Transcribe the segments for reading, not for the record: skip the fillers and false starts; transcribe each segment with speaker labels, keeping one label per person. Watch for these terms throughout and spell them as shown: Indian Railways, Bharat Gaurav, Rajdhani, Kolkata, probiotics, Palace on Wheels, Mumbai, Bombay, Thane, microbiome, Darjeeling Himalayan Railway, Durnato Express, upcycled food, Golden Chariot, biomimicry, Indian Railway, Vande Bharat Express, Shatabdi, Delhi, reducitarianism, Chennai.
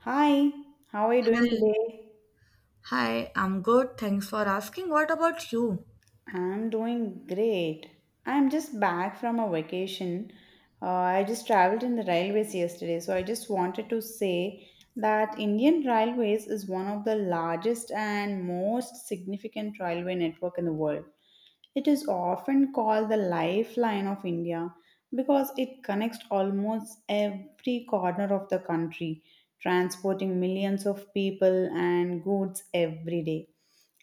Speaker 1: Hi, how are you doing
Speaker 2: Hi,
Speaker 1: today?
Speaker 2: I'm good. Thanks for asking. What about you?
Speaker 1: I'm doing great. I'm just back from a vacation. I just traveled in the railways yesterday, so I just wanted to say that Indian Railways is one of the largest and most significant railway network in the world. It is often called the lifeline of India because it connects almost every corner of the country, transporting millions of people and goods every day.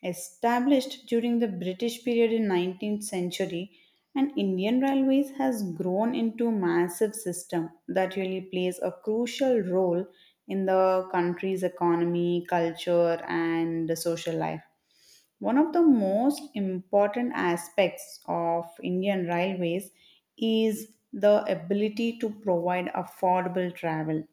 Speaker 1: Established during the British period in 19th century, and Indian Railways has grown into a massive system that really plays a crucial role in the country's economy, culture, and social life. One of the most important aspects of Indian railways is the ability to provide affordable travel.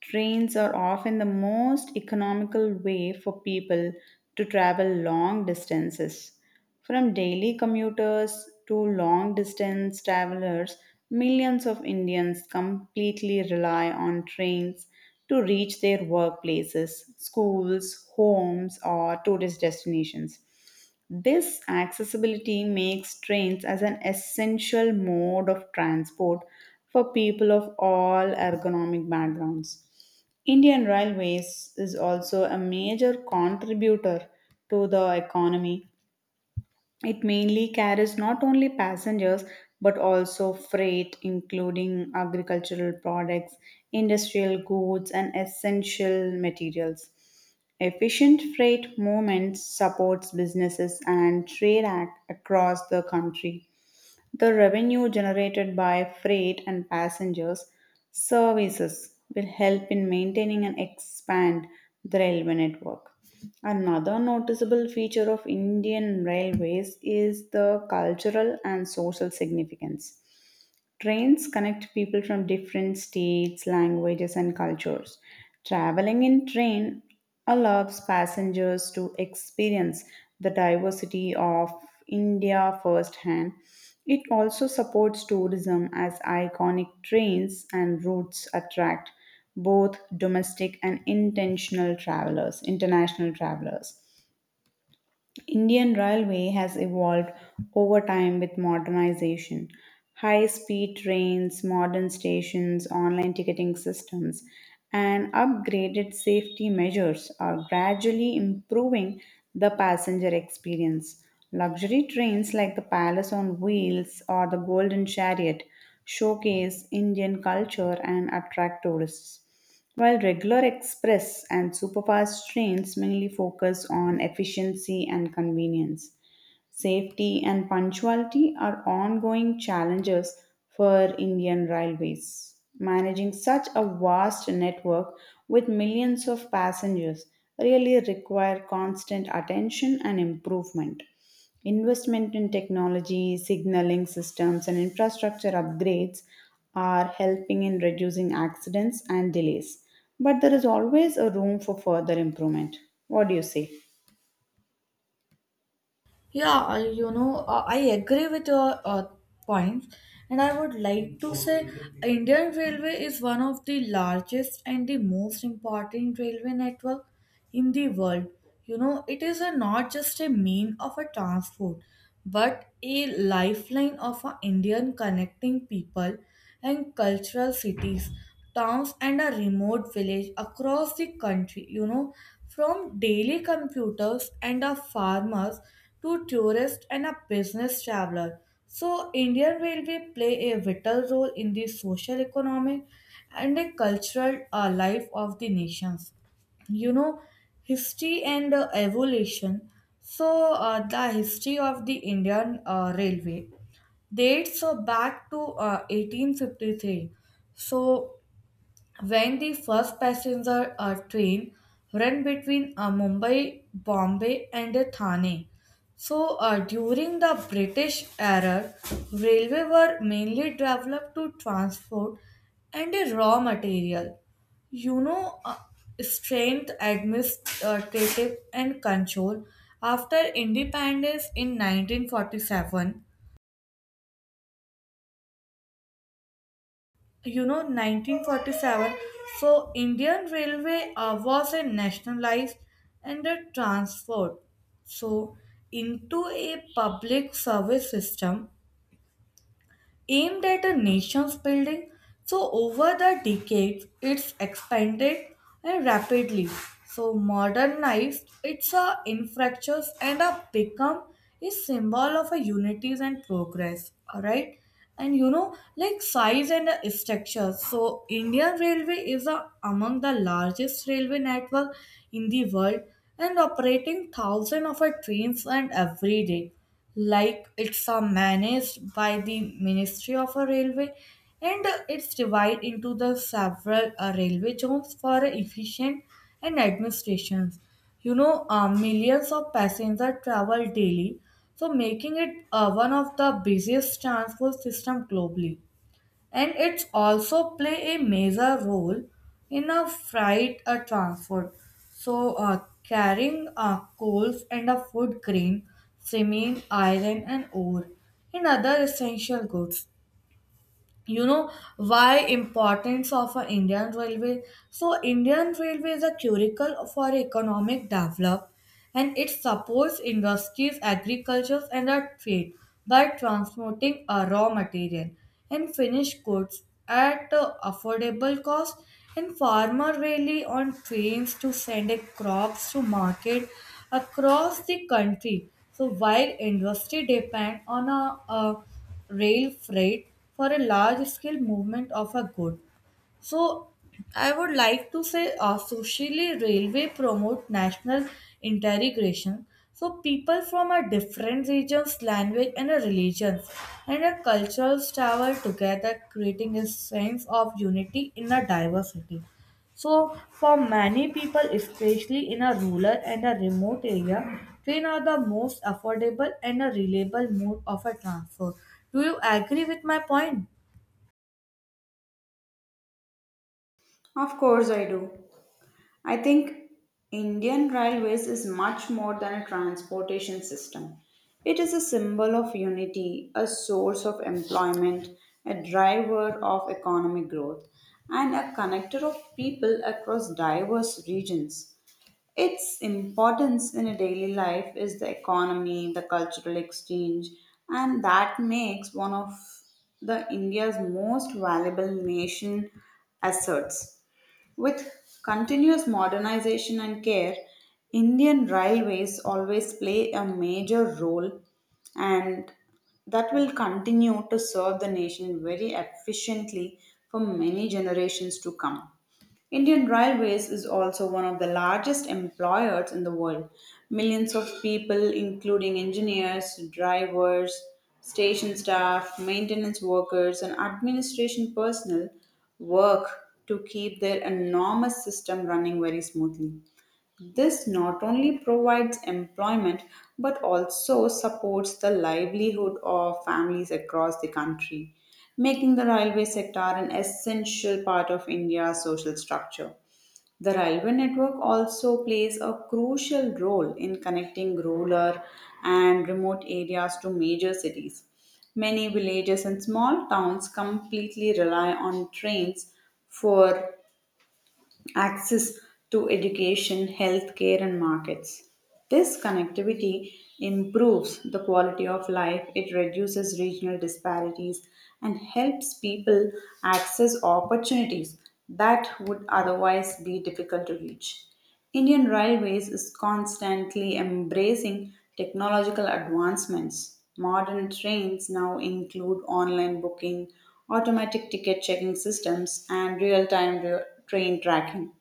Speaker 1: Trains are often the most economical way for people to travel long distances. From daily commuters to long distance travelers, millions of Indians completely rely on trains to reach their workplaces, schools, homes, or tourist destinations. This accessibility makes trains as an essential mode of transport for people of all ergonomic backgrounds. Indian Railways is also a major contributor to the economy. It mainly carries not only passengers but also freight, including agricultural products, industrial goods, and essential materials. Efficient freight movement supports businesses and trade across the country. The revenue generated by freight and passengers services will help in maintaining and expand the railway network. Another noticeable feature of Indian railways is the cultural and social significance. Trains connect people from different states, languages, and cultures. Traveling in train allows passengers to experience the diversity of India firsthand. It also supports tourism as iconic trains and routes attract both domestic and international travelers. Indian railway has evolved over time with modernization. High speed trains, modern stations, online ticketing systems, and upgraded safety measures are gradually improving the passenger experience. Luxury trains like the Palace on Wheels or the Golden Chariot showcase Indian culture and attract tourists. While regular express and superfast trains mainly focus on efficiency and convenience. Safety and punctuality are ongoing challenges for Indian Railways. Managing such a vast network with millions of passengers really require constant attention and improvement. Investment in technology, signaling systems, and infrastructure upgrades are helping in reducing accidents and delays. But there is always a room for further improvement. What do you say?
Speaker 2: Yeah, I agree with your points, and I would like to say Indian Railway is one of the largest and the most important railway network in the world. It is a, not just a mean of a transport, but a lifeline of a Indian connecting people and cultural cities, towns and a remote village across the country. From daily computers and a farmers to tourists and a business traveler, so Indian railway play a vital role in the social economic and a cultural life of the nations. you know History and evolution. The history of the Indian railway dates back to 1853, so when the first passenger train ran between Mumbai, Bombay, and Thane. During the British era, railway were mainly developed to transport and raw material. You know, uh, strength, administrative, and control. After independence in 1947, 1947, Indian railway was a nationalized and a transferred, so into a public service system aimed at a nation's building. So over the decades, it's expanded and rapidly. So modernized, it's a infrastructures and a become a symbol of a unities and progress. All right, and like size and the structure. So Indian Railway is a, among the largest railway network in the world and operating thousands of a trains and every day, like it's managed by the Ministry of a Railway, and it's divided into the several railway zones for efficient and administrations. Millions of passengers travel daily, so making it one of the busiest transport system globally, and it's also play a major role in a freight a transport, carrying coals and a food grain, cement, iron and ore, and other essential goods. you know why importance of a Indian railway? So Indian railway is a curricle for economic development, and it supports industries, agriculture, and the trade by transmitting a raw material and finished goods at a affordable cost. And farmer rely on trains to send their crops to market across the country. So while industry depend on a rail freight for a large scale movement of a good. So I would like to say, socially railway promote national integration. So people from a different regions, language and a religions and a cultures travel together, creating a sense of unity in a diversity. So for many people, especially in a rural and a remote area, train are the most affordable and a reliable mode of a transport. Do you agree with my point?
Speaker 1: Of course, I do. I think Indian Railways is much more than a transportation system. It is a symbol of unity, a source of employment, a driver of economic growth, and a connector of people across diverse regions. Its importance in a daily life is the economy, the cultural exchange, and that makes one of the India's most valuable nation assets. With continuous modernization and care, Indian railways always play a major role and that will continue to serve the nation very efficiently for many generations to come. Indian Railways is also one of the largest employers in the world. Millions of people, including engineers, drivers, station staff, maintenance workers, and administration personnel, work to keep their enormous system running very smoothly. This not only provides employment but also supports the livelihood of families across the country, making the railway sector an essential part of India's social structure. The railway network also plays a crucial role in connecting rural and remote areas to major cities. Many villages and small towns completely rely on trains for access to education, healthcare, and markets. This connectivity improves the quality of life, it reduces regional disparities, and helps people access opportunities that would otherwise be difficult to reach. Indian Railways is constantly embracing technological advancements. Modern trains now include online booking, automatic ticket checking systems, and real time train tracking.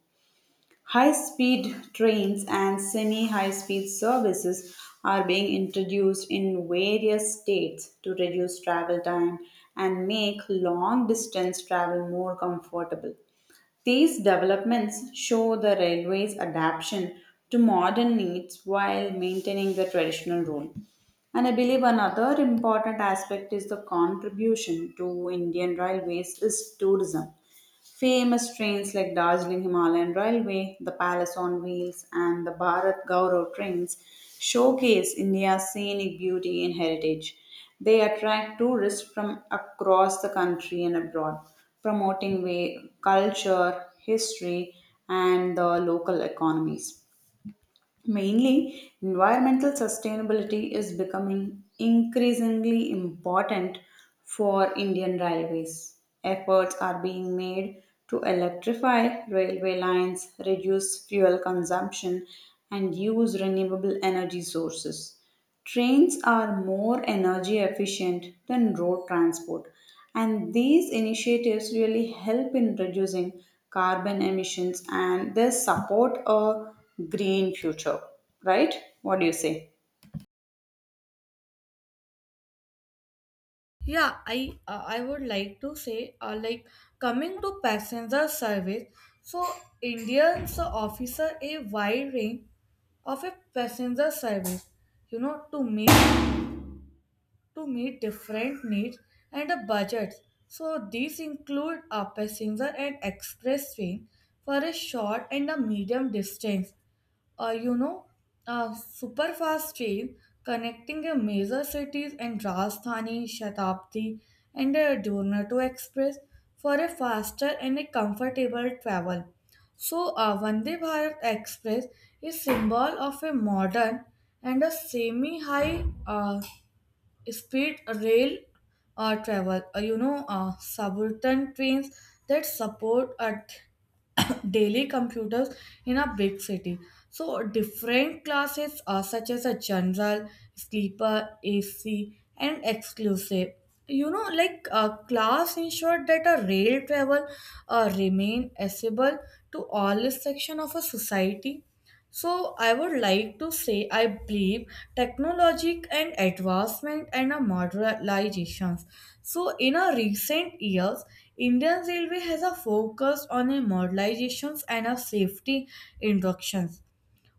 Speaker 1: High speed trains and semi high speed services are being introduced in various states to reduce travel time and make long distance travel more comfortable. These developments show the railway's adaptation to modern needs while maintaining the traditional role. And I believe another important aspect is the contribution to Indian railways is tourism. Famous trains like Darjeeling Himalayan Railway, the Palace on Wheels, and the Bharat Gaurav trains showcase India's scenic beauty and heritage. They attract tourists from across the country and abroad, promoting way, culture, history, and the local economies. Mainly, environmental sustainability is becoming increasingly important for Indian railways. Efforts are being made to electrify railway lines, reduce fuel consumption, and use renewable energy sources. Trains are more energy efficient than road transport, and these initiatives really help in reducing carbon emissions and they support a green future, right? What do you say?
Speaker 2: Yeah, I would like to say like coming to passenger service, so Indians officer a wide range of a passenger service, you know, to meet different needs and the budgets. So these include a passenger and express train for a short and a medium distance, uh, you know, a super fast train connecting a major cities in Rajdhani, Shatabdi, and a Durnato Express for a faster and a comfortable travel. So a Vande Bharat Express is symbol of a modern and a semi-high speed rail travel. Suburban trains that support a daily computers in a big city. So different classes are such as a general, sleeper, AC, and exclusive. Like a class ensured that a rail travel remain accessible to all section of a society. So I would like to say I believe technologic and advancement and a modernizations. So in a recent years, Indian Railway has a focus on a modernizations and a safety inductions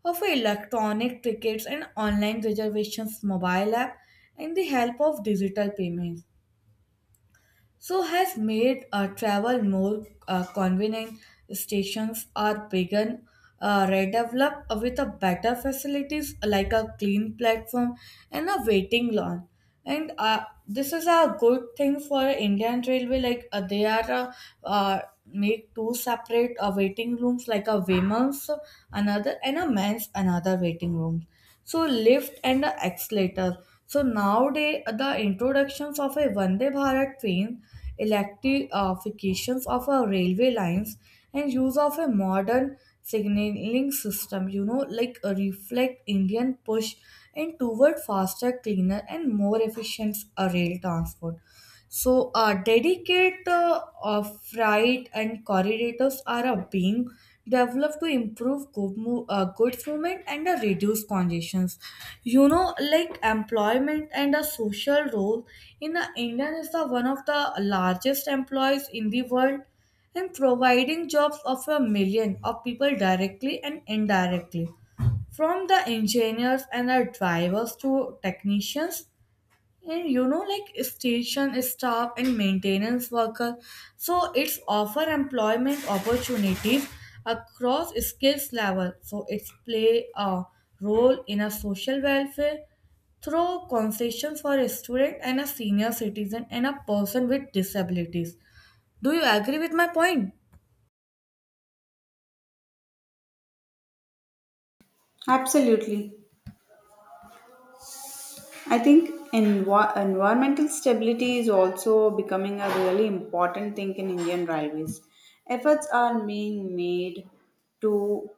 Speaker 2: of a electronic tickets and online reservations, mobile app, and the help of digital payments. So has made travel more convenient. Stations are begun, redeveloped with a better facilities like a clean platform and a waiting lawn. And this is a good thing for Indian Railway. Like they are uh, make two separate waiting rooms, like a women's another and a men's another waiting room, so lift and the accelerator. So nowadays the introductions of a Vande Bharat train, electrifications of our railway lines, and use of a modern signaling system, like a reflect Indian push and toward faster, cleaner, and more efficient rail transport. Dedicate freight and corridors are being developed to improve goods movement and reduce congestions. Like employment and a social role in India is the one of the largest employers in the world and providing jobs of a million of people directly and indirectly from the engineers and the drivers to technicians and, you know, like station staff and maintenance worker, so it's offer employment opportunities across skills level. So it's play a role in a social welfare through concessions for a student and a senior citizen and a person with disabilities. Do you agree with my point?
Speaker 1: Absolutely. I think environmental stability is also becoming a really important thing in Indian railways. Efforts are being made to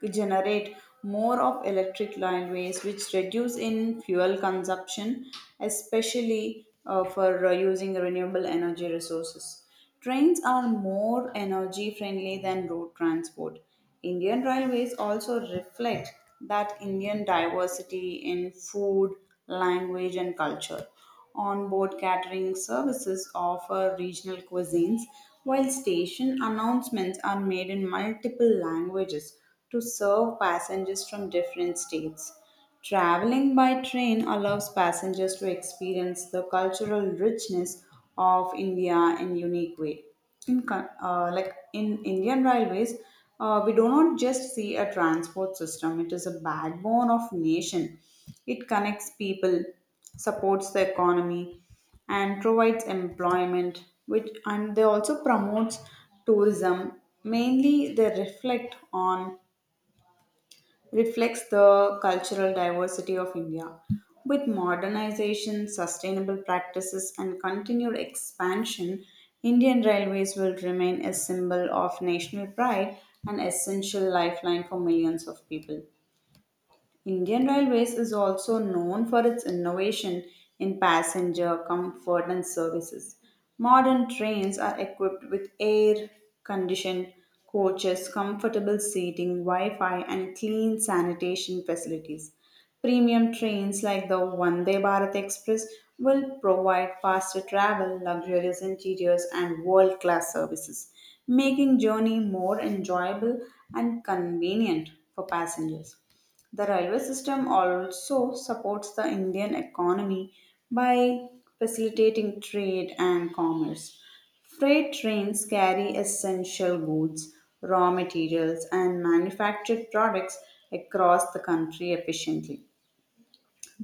Speaker 1: we generate more of electric line waste, which reduce in fuel consumption, especially for using renewable energy resources. Trains are more energy friendly than road transport. Indian railways also reflect that Indian diversity in food, language, and culture. Onboard catering services offer regional cuisines, while station announcements are made in multiple languages to serve passengers from different states. Traveling by train allows passengers to experience the cultural richness of India in unique way. Like in Indian railways, we do not just see a transport system; it is a backbone of nation. It connects people, supports the economy, and provides employment, which and they also promotes tourism, mainly they reflects the cultural diversity of India. With modernization, sustainable practices, and continued expansion, Indian railways will remain a symbol of national pride and essential lifeline for millions of people. Indian Railways is also known for its innovation in passenger comfort and services. Modern trains are equipped with air conditioned coaches, comfortable seating, Wi Fi, and clean sanitation facilities. Premium trains like the Vande Bharat Express will provide faster travel, luxurious interiors, and world class services, making journey more enjoyable and convenient for passengers. The railway system also supports the Indian economy by facilitating trade and commerce. Freight trains carry essential goods, raw materials, and manufactured products across the country efficiently.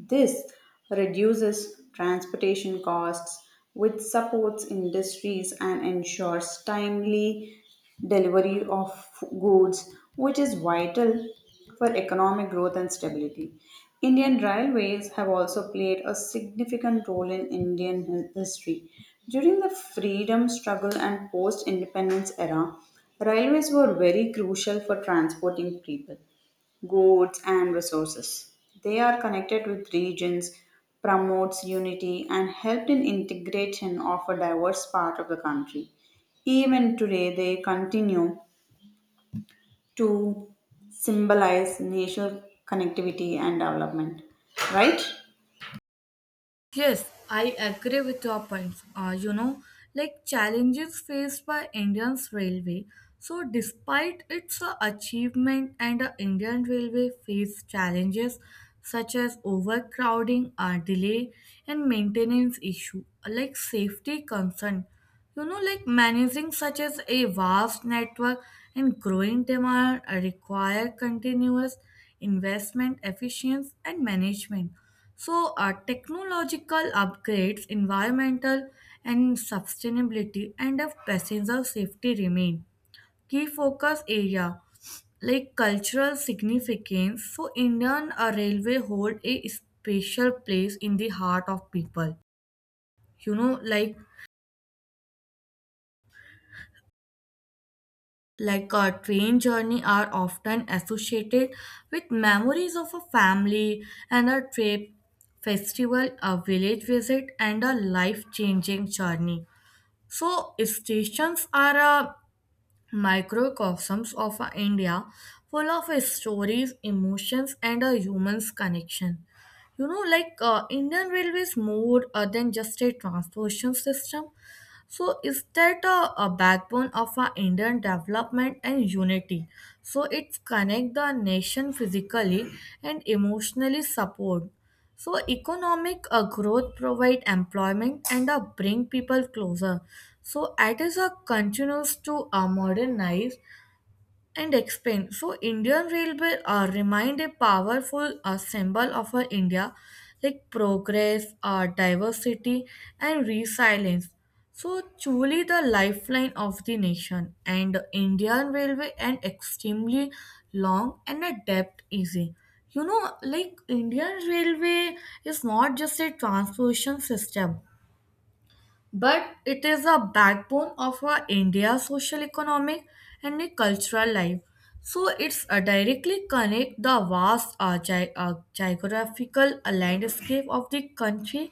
Speaker 1: This reduces transportation costs, which supports industries and ensures timely delivery of goods, which is vital for economic growth and stability. Indian railways have also played a significant role in Indian history. During the freedom struggle and post independence era, railways were very crucial for transporting people goods, and resources. They are connected with regions, promotes unity, and helped in integration of a diverse part of the country. Even today, they continue to symbolize national connectivity and development. Right?
Speaker 2: Yes, I agree with your points. Like challenges faced by Indian's railway. So despite its achievement, and the Indian railway faced challenges such as overcrowding, delay, and maintenance issue, like safety concern. Like managing such as a vast network and growing demand require continuous investment, efficiency, and management. Technological upgrades, environmental and sustainability, and of passenger safety remain key focus area, like cultural significance. So Indian railway hold a special place in the heart of people. You know, like like a train journey are often associated with memories of a family and a trip, festival, a village visit, and a life-changing journey. So stations are a microcosms of a India full of stories, emotions, and a human's connection. Indian Railways more than just a transportation system. So is that a backbone of our Indian development and unity? So it connect the nation physically and emotionally support. So economic growth provide employment and bring people closer. So it is a continues to modernize and explain. So Indian Railway remained a powerful symbol of our India, like progress, diversity, and resilience. So truly the lifeline of the nation, and Indian Railway an extremely long and a depth easy. Indian Railway is not just a transportation system, but it is a backbone of our India's social, economic, and a cultural life. So it's directly connect the vast geographical landscape of the country,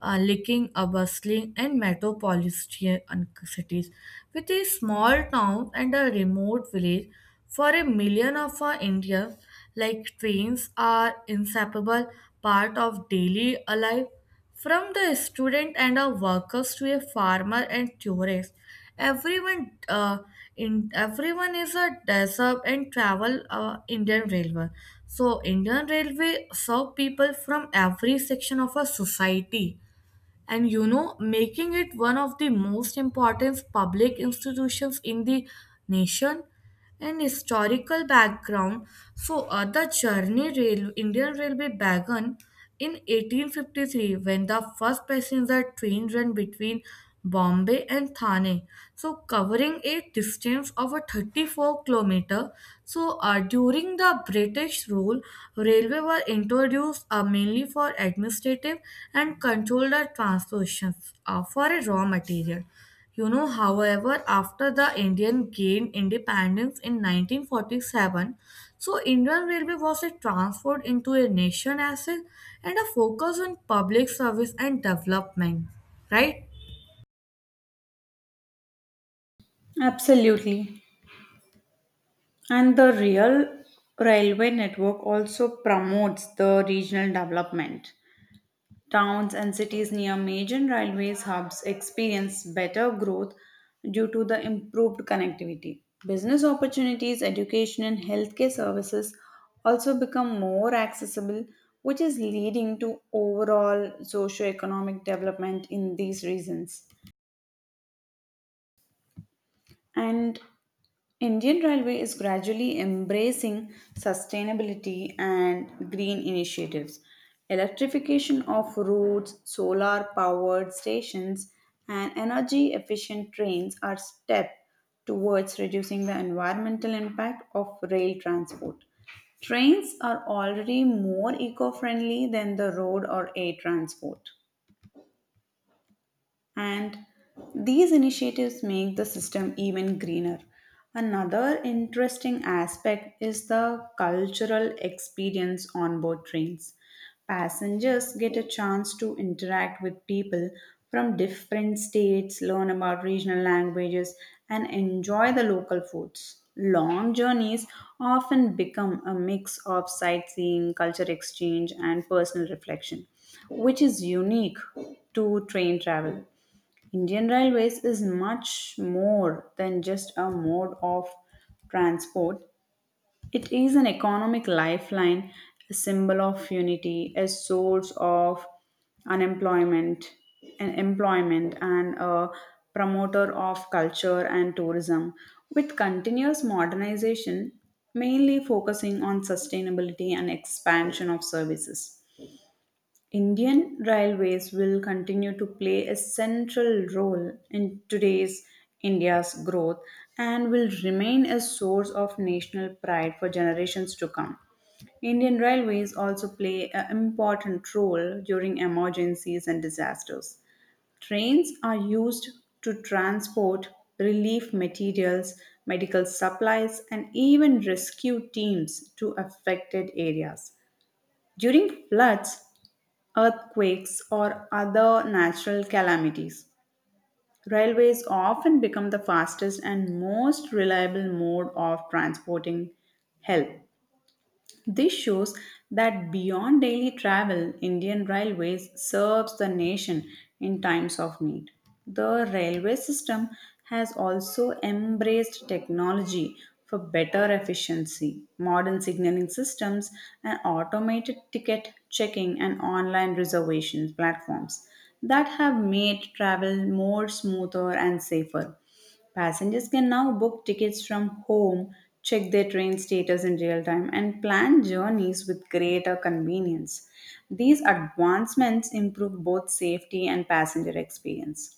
Speaker 2: leaking, bustling, and metropolitan cities, with a small town and a remote village. For a million of our India, like trains are inseparable part of daily life, from the student and a workers to a farmer and tourist, everyone uh, everyone is a desert and travel Indian Railway. So Indian Railway serve people from every section of a society, and you know making it one of the most important public institutions in the nation. And historical background, the journey rail Indian railway began in 1853 when the first passenger train ran between Bombay and Thane, so covering a distance of a 34 kilometer. So during the British rule, railway were introduced mainly for administrative and controlled the transportations for a raw material. However, after the Indian gained independence in 1947, so Indian Railway was a transformed into a nation asset and a focus on public service and development, right?
Speaker 1: Absolutely. And the real railway network also promotes the regional development. Towns and cities near major railways hubs experience better growth due to the improved connectivity. Business opportunities, education, and healthcare services also become more accessible, which is leading to overall socio-economic development in these regions. And Indian Railway is gradually embracing sustainability and green initiatives. Electrification of routes, solar powered stations, and energy efficient trains are steps towards reducing the environmental impact of rail transport. Trains are already more eco friendly than the road or air transport and these initiatives make the system even greener. Another interesting aspect is the cultural experience on board trains. Passengers get a chance to interact with people from different states, learn about regional languages, and enjoy the local foods. Long journeys often become a mix of sightseeing, culture exchange, and personal reflection, which is unique to train travel. Indian Railways is much more than just a mode of transport. It is an economic lifeline, a symbol of unity, a source of unemployment and employment, and a promoter of culture and tourism. With continuous modernization, mainly focusing on sustainability and expansion of services. Indian railways will continue to play a central role in today's India's growth and will remain a source of national pride for generations to come. Indian railways also play an important role during emergencies and disasters. Trains are used to transport relief materials, medical supplies, and even rescue teams to affected areas. During floods, earthquakes, or other natural calamities, railways often become the fastest and most reliable mode of transporting help. This shows that beyond daily travel, Indian Railways serves the nation in times of need. The railway system has also embraced technology for better efficiency. Modern signaling systems and automated ticket checking and online reservation platforms that have made travel more smoother and safer. Passengers can now book tickets from home, check their train status in real time, and plan journeys with greater convenience. These advancements improve both safety and passenger experience.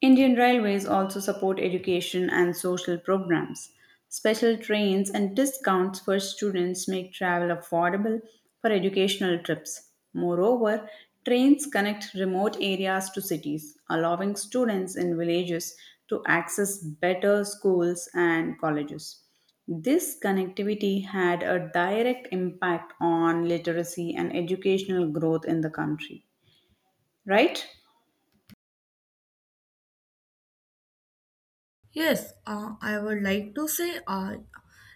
Speaker 1: Indian Railways also support education and social programs. Special trains and discounts for students make travel affordable for educational trips. Moreover, trains connect remote areas to cities, allowing students in villages to access better schools and colleges. This connectivity had a direct impact on literacy and educational growth in the country, right?
Speaker 2: Yes, I would like to say, uh,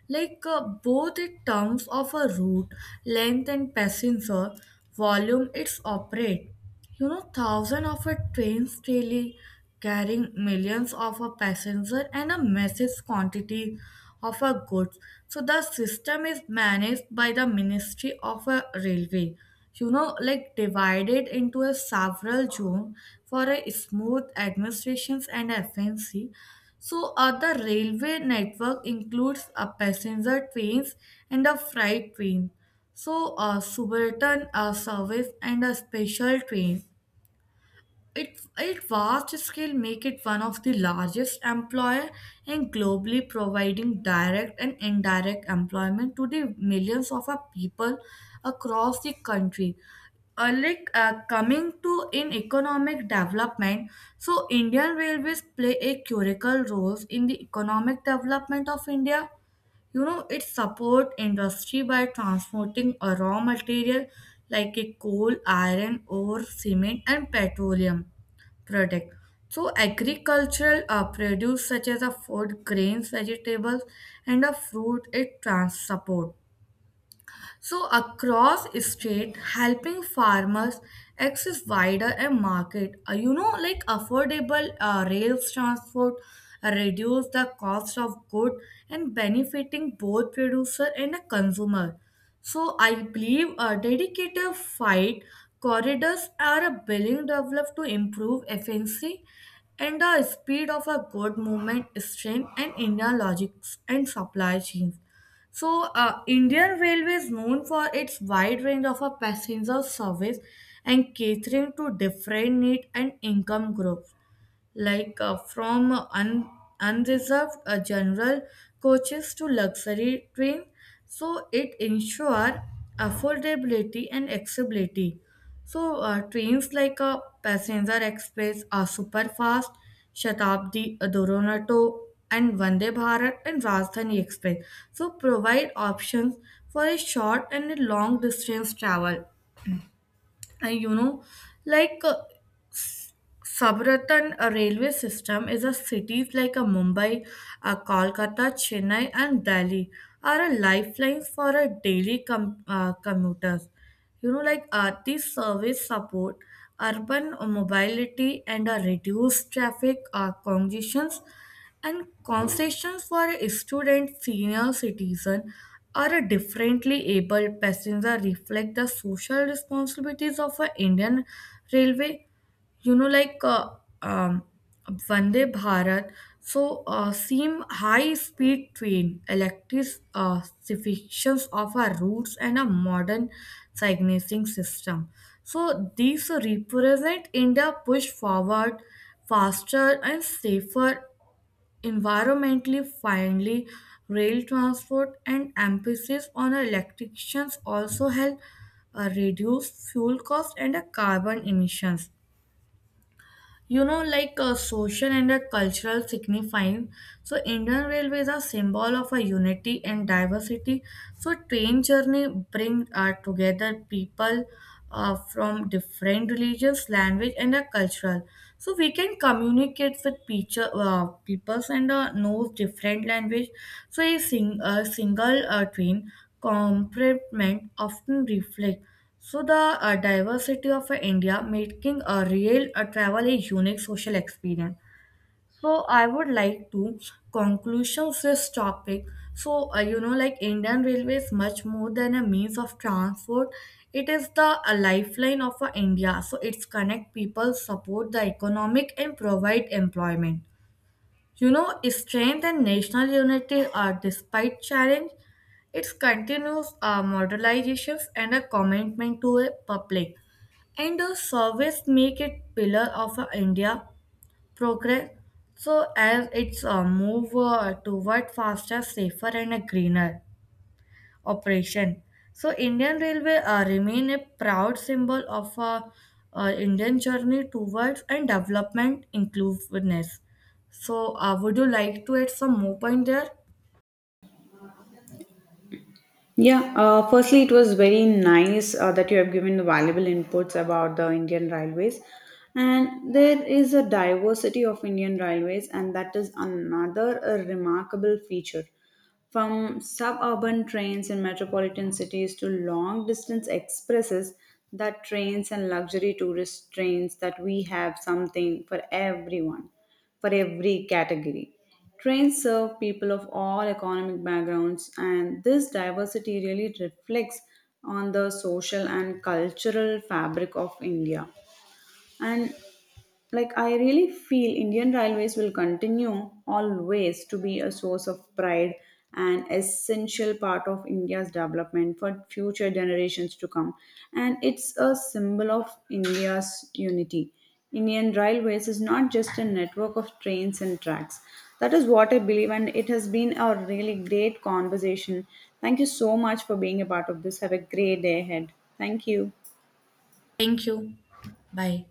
Speaker 2: like uh, both in terms of a route length and passenger volume, it's operate. Thousands of a trains daily carrying millions of a passenger and a massive quantity of a goods. So the system is managed by the Ministry of a Railway. Like divided into a several zone for a smooth administrations and efficiency. The railway network includes a passenger trains and a freight train. So a suburban service and a special train. It vast scale make it one of the largest employer and globally providing direct and indirect employment to the millions of our people across the country. Coming to in economic development, so Indian Railways play a critical role in the economic development of India. It support industry by transporting a raw material like a coal, iron ore, cement, and petroleum product. So agricultural produce such as a food grains, vegetables, and a fruit, it trans support so across state, helping farmers access wider a market. Like affordable rails transport reduce the cost of good and benefiting both producer and a consumer. So I believe a dedicated fight corridors are a billing developed to improve efficiency and the speed of a good movement, strength and inner logics and supply chains. So Indian Railway is known for its wide range of a passenger service and catering to different need and income groups. like uh, from un- Unreserved general coaches to luxury trains, so it ensure affordability and accessibility. Trains like a passenger express are super fast, Shatabdi, Duronto, and Vande Bharat and Rajdhani Express, so provide options for a short and a long distance travel. And you know like Sabaratan railway system is a cities like a Mumbai, Kolkata, Chennai, and Delhi are a lifelines for a daily commuters. These service support urban mobility and reduce traffic congestions, and concessions for a student, senior citizen, or a differently able passenger reflect the social responsibilities of a Indian railway. you know like uh, um, Vande Bharat, so seem high speed train, electrifications of our routes, and a modern signaling system, so these represent India push forward faster and safer, environmentally friendly rail transport, and emphasis on electrifications also help reduce fuel cost and carbon emissions. Like a social and a cultural signifying, so Indian railways are symbol of a unity and diversity. So train journey bring together people from different religions, language, and a cultural. So we can communicate with peoples and knows different language. So a single train complement often reflect so the diversity of India, making a real travel a unique social experience. So I would like to conclusions this topic. Indian Railways, much more than a means of transport, it is the a lifeline of India. So it's connect people, support the economic, and provide employment. Strength and national unity are, despite challenge, its continuous modernizations and a commitment to a public and a service make it pillar of India progress. So as it's move toward faster, safer, and a greener operation. So Indian Railway remain a proud symbol of Indian journey towards and development inclusiveness. So would you like to add some more point there?
Speaker 1: Yeah, firstly, it was very nice that you have given valuable inputs about the Indian Railways. And there is a diversity of Indian Railways, and that is another remarkable feature. From suburban trains in metropolitan cities to long distance expresses, that trains and luxury tourist trains, that we have something for everyone, for every category. Trains serve people of all economic backgrounds, and this diversity really reflects on the social and cultural fabric of India. And like I really feel Indian railways will continue always to be a source of pride and essential part of India's development for future generations to come, and it's a symbol of India's unity. Indian railways is not just a network of trains and tracks, that is what I believe, and it has been a really great conversation. Thank you so much for being a part of this. Have a great day ahead. Thank you.
Speaker 2: Thank you. Bye.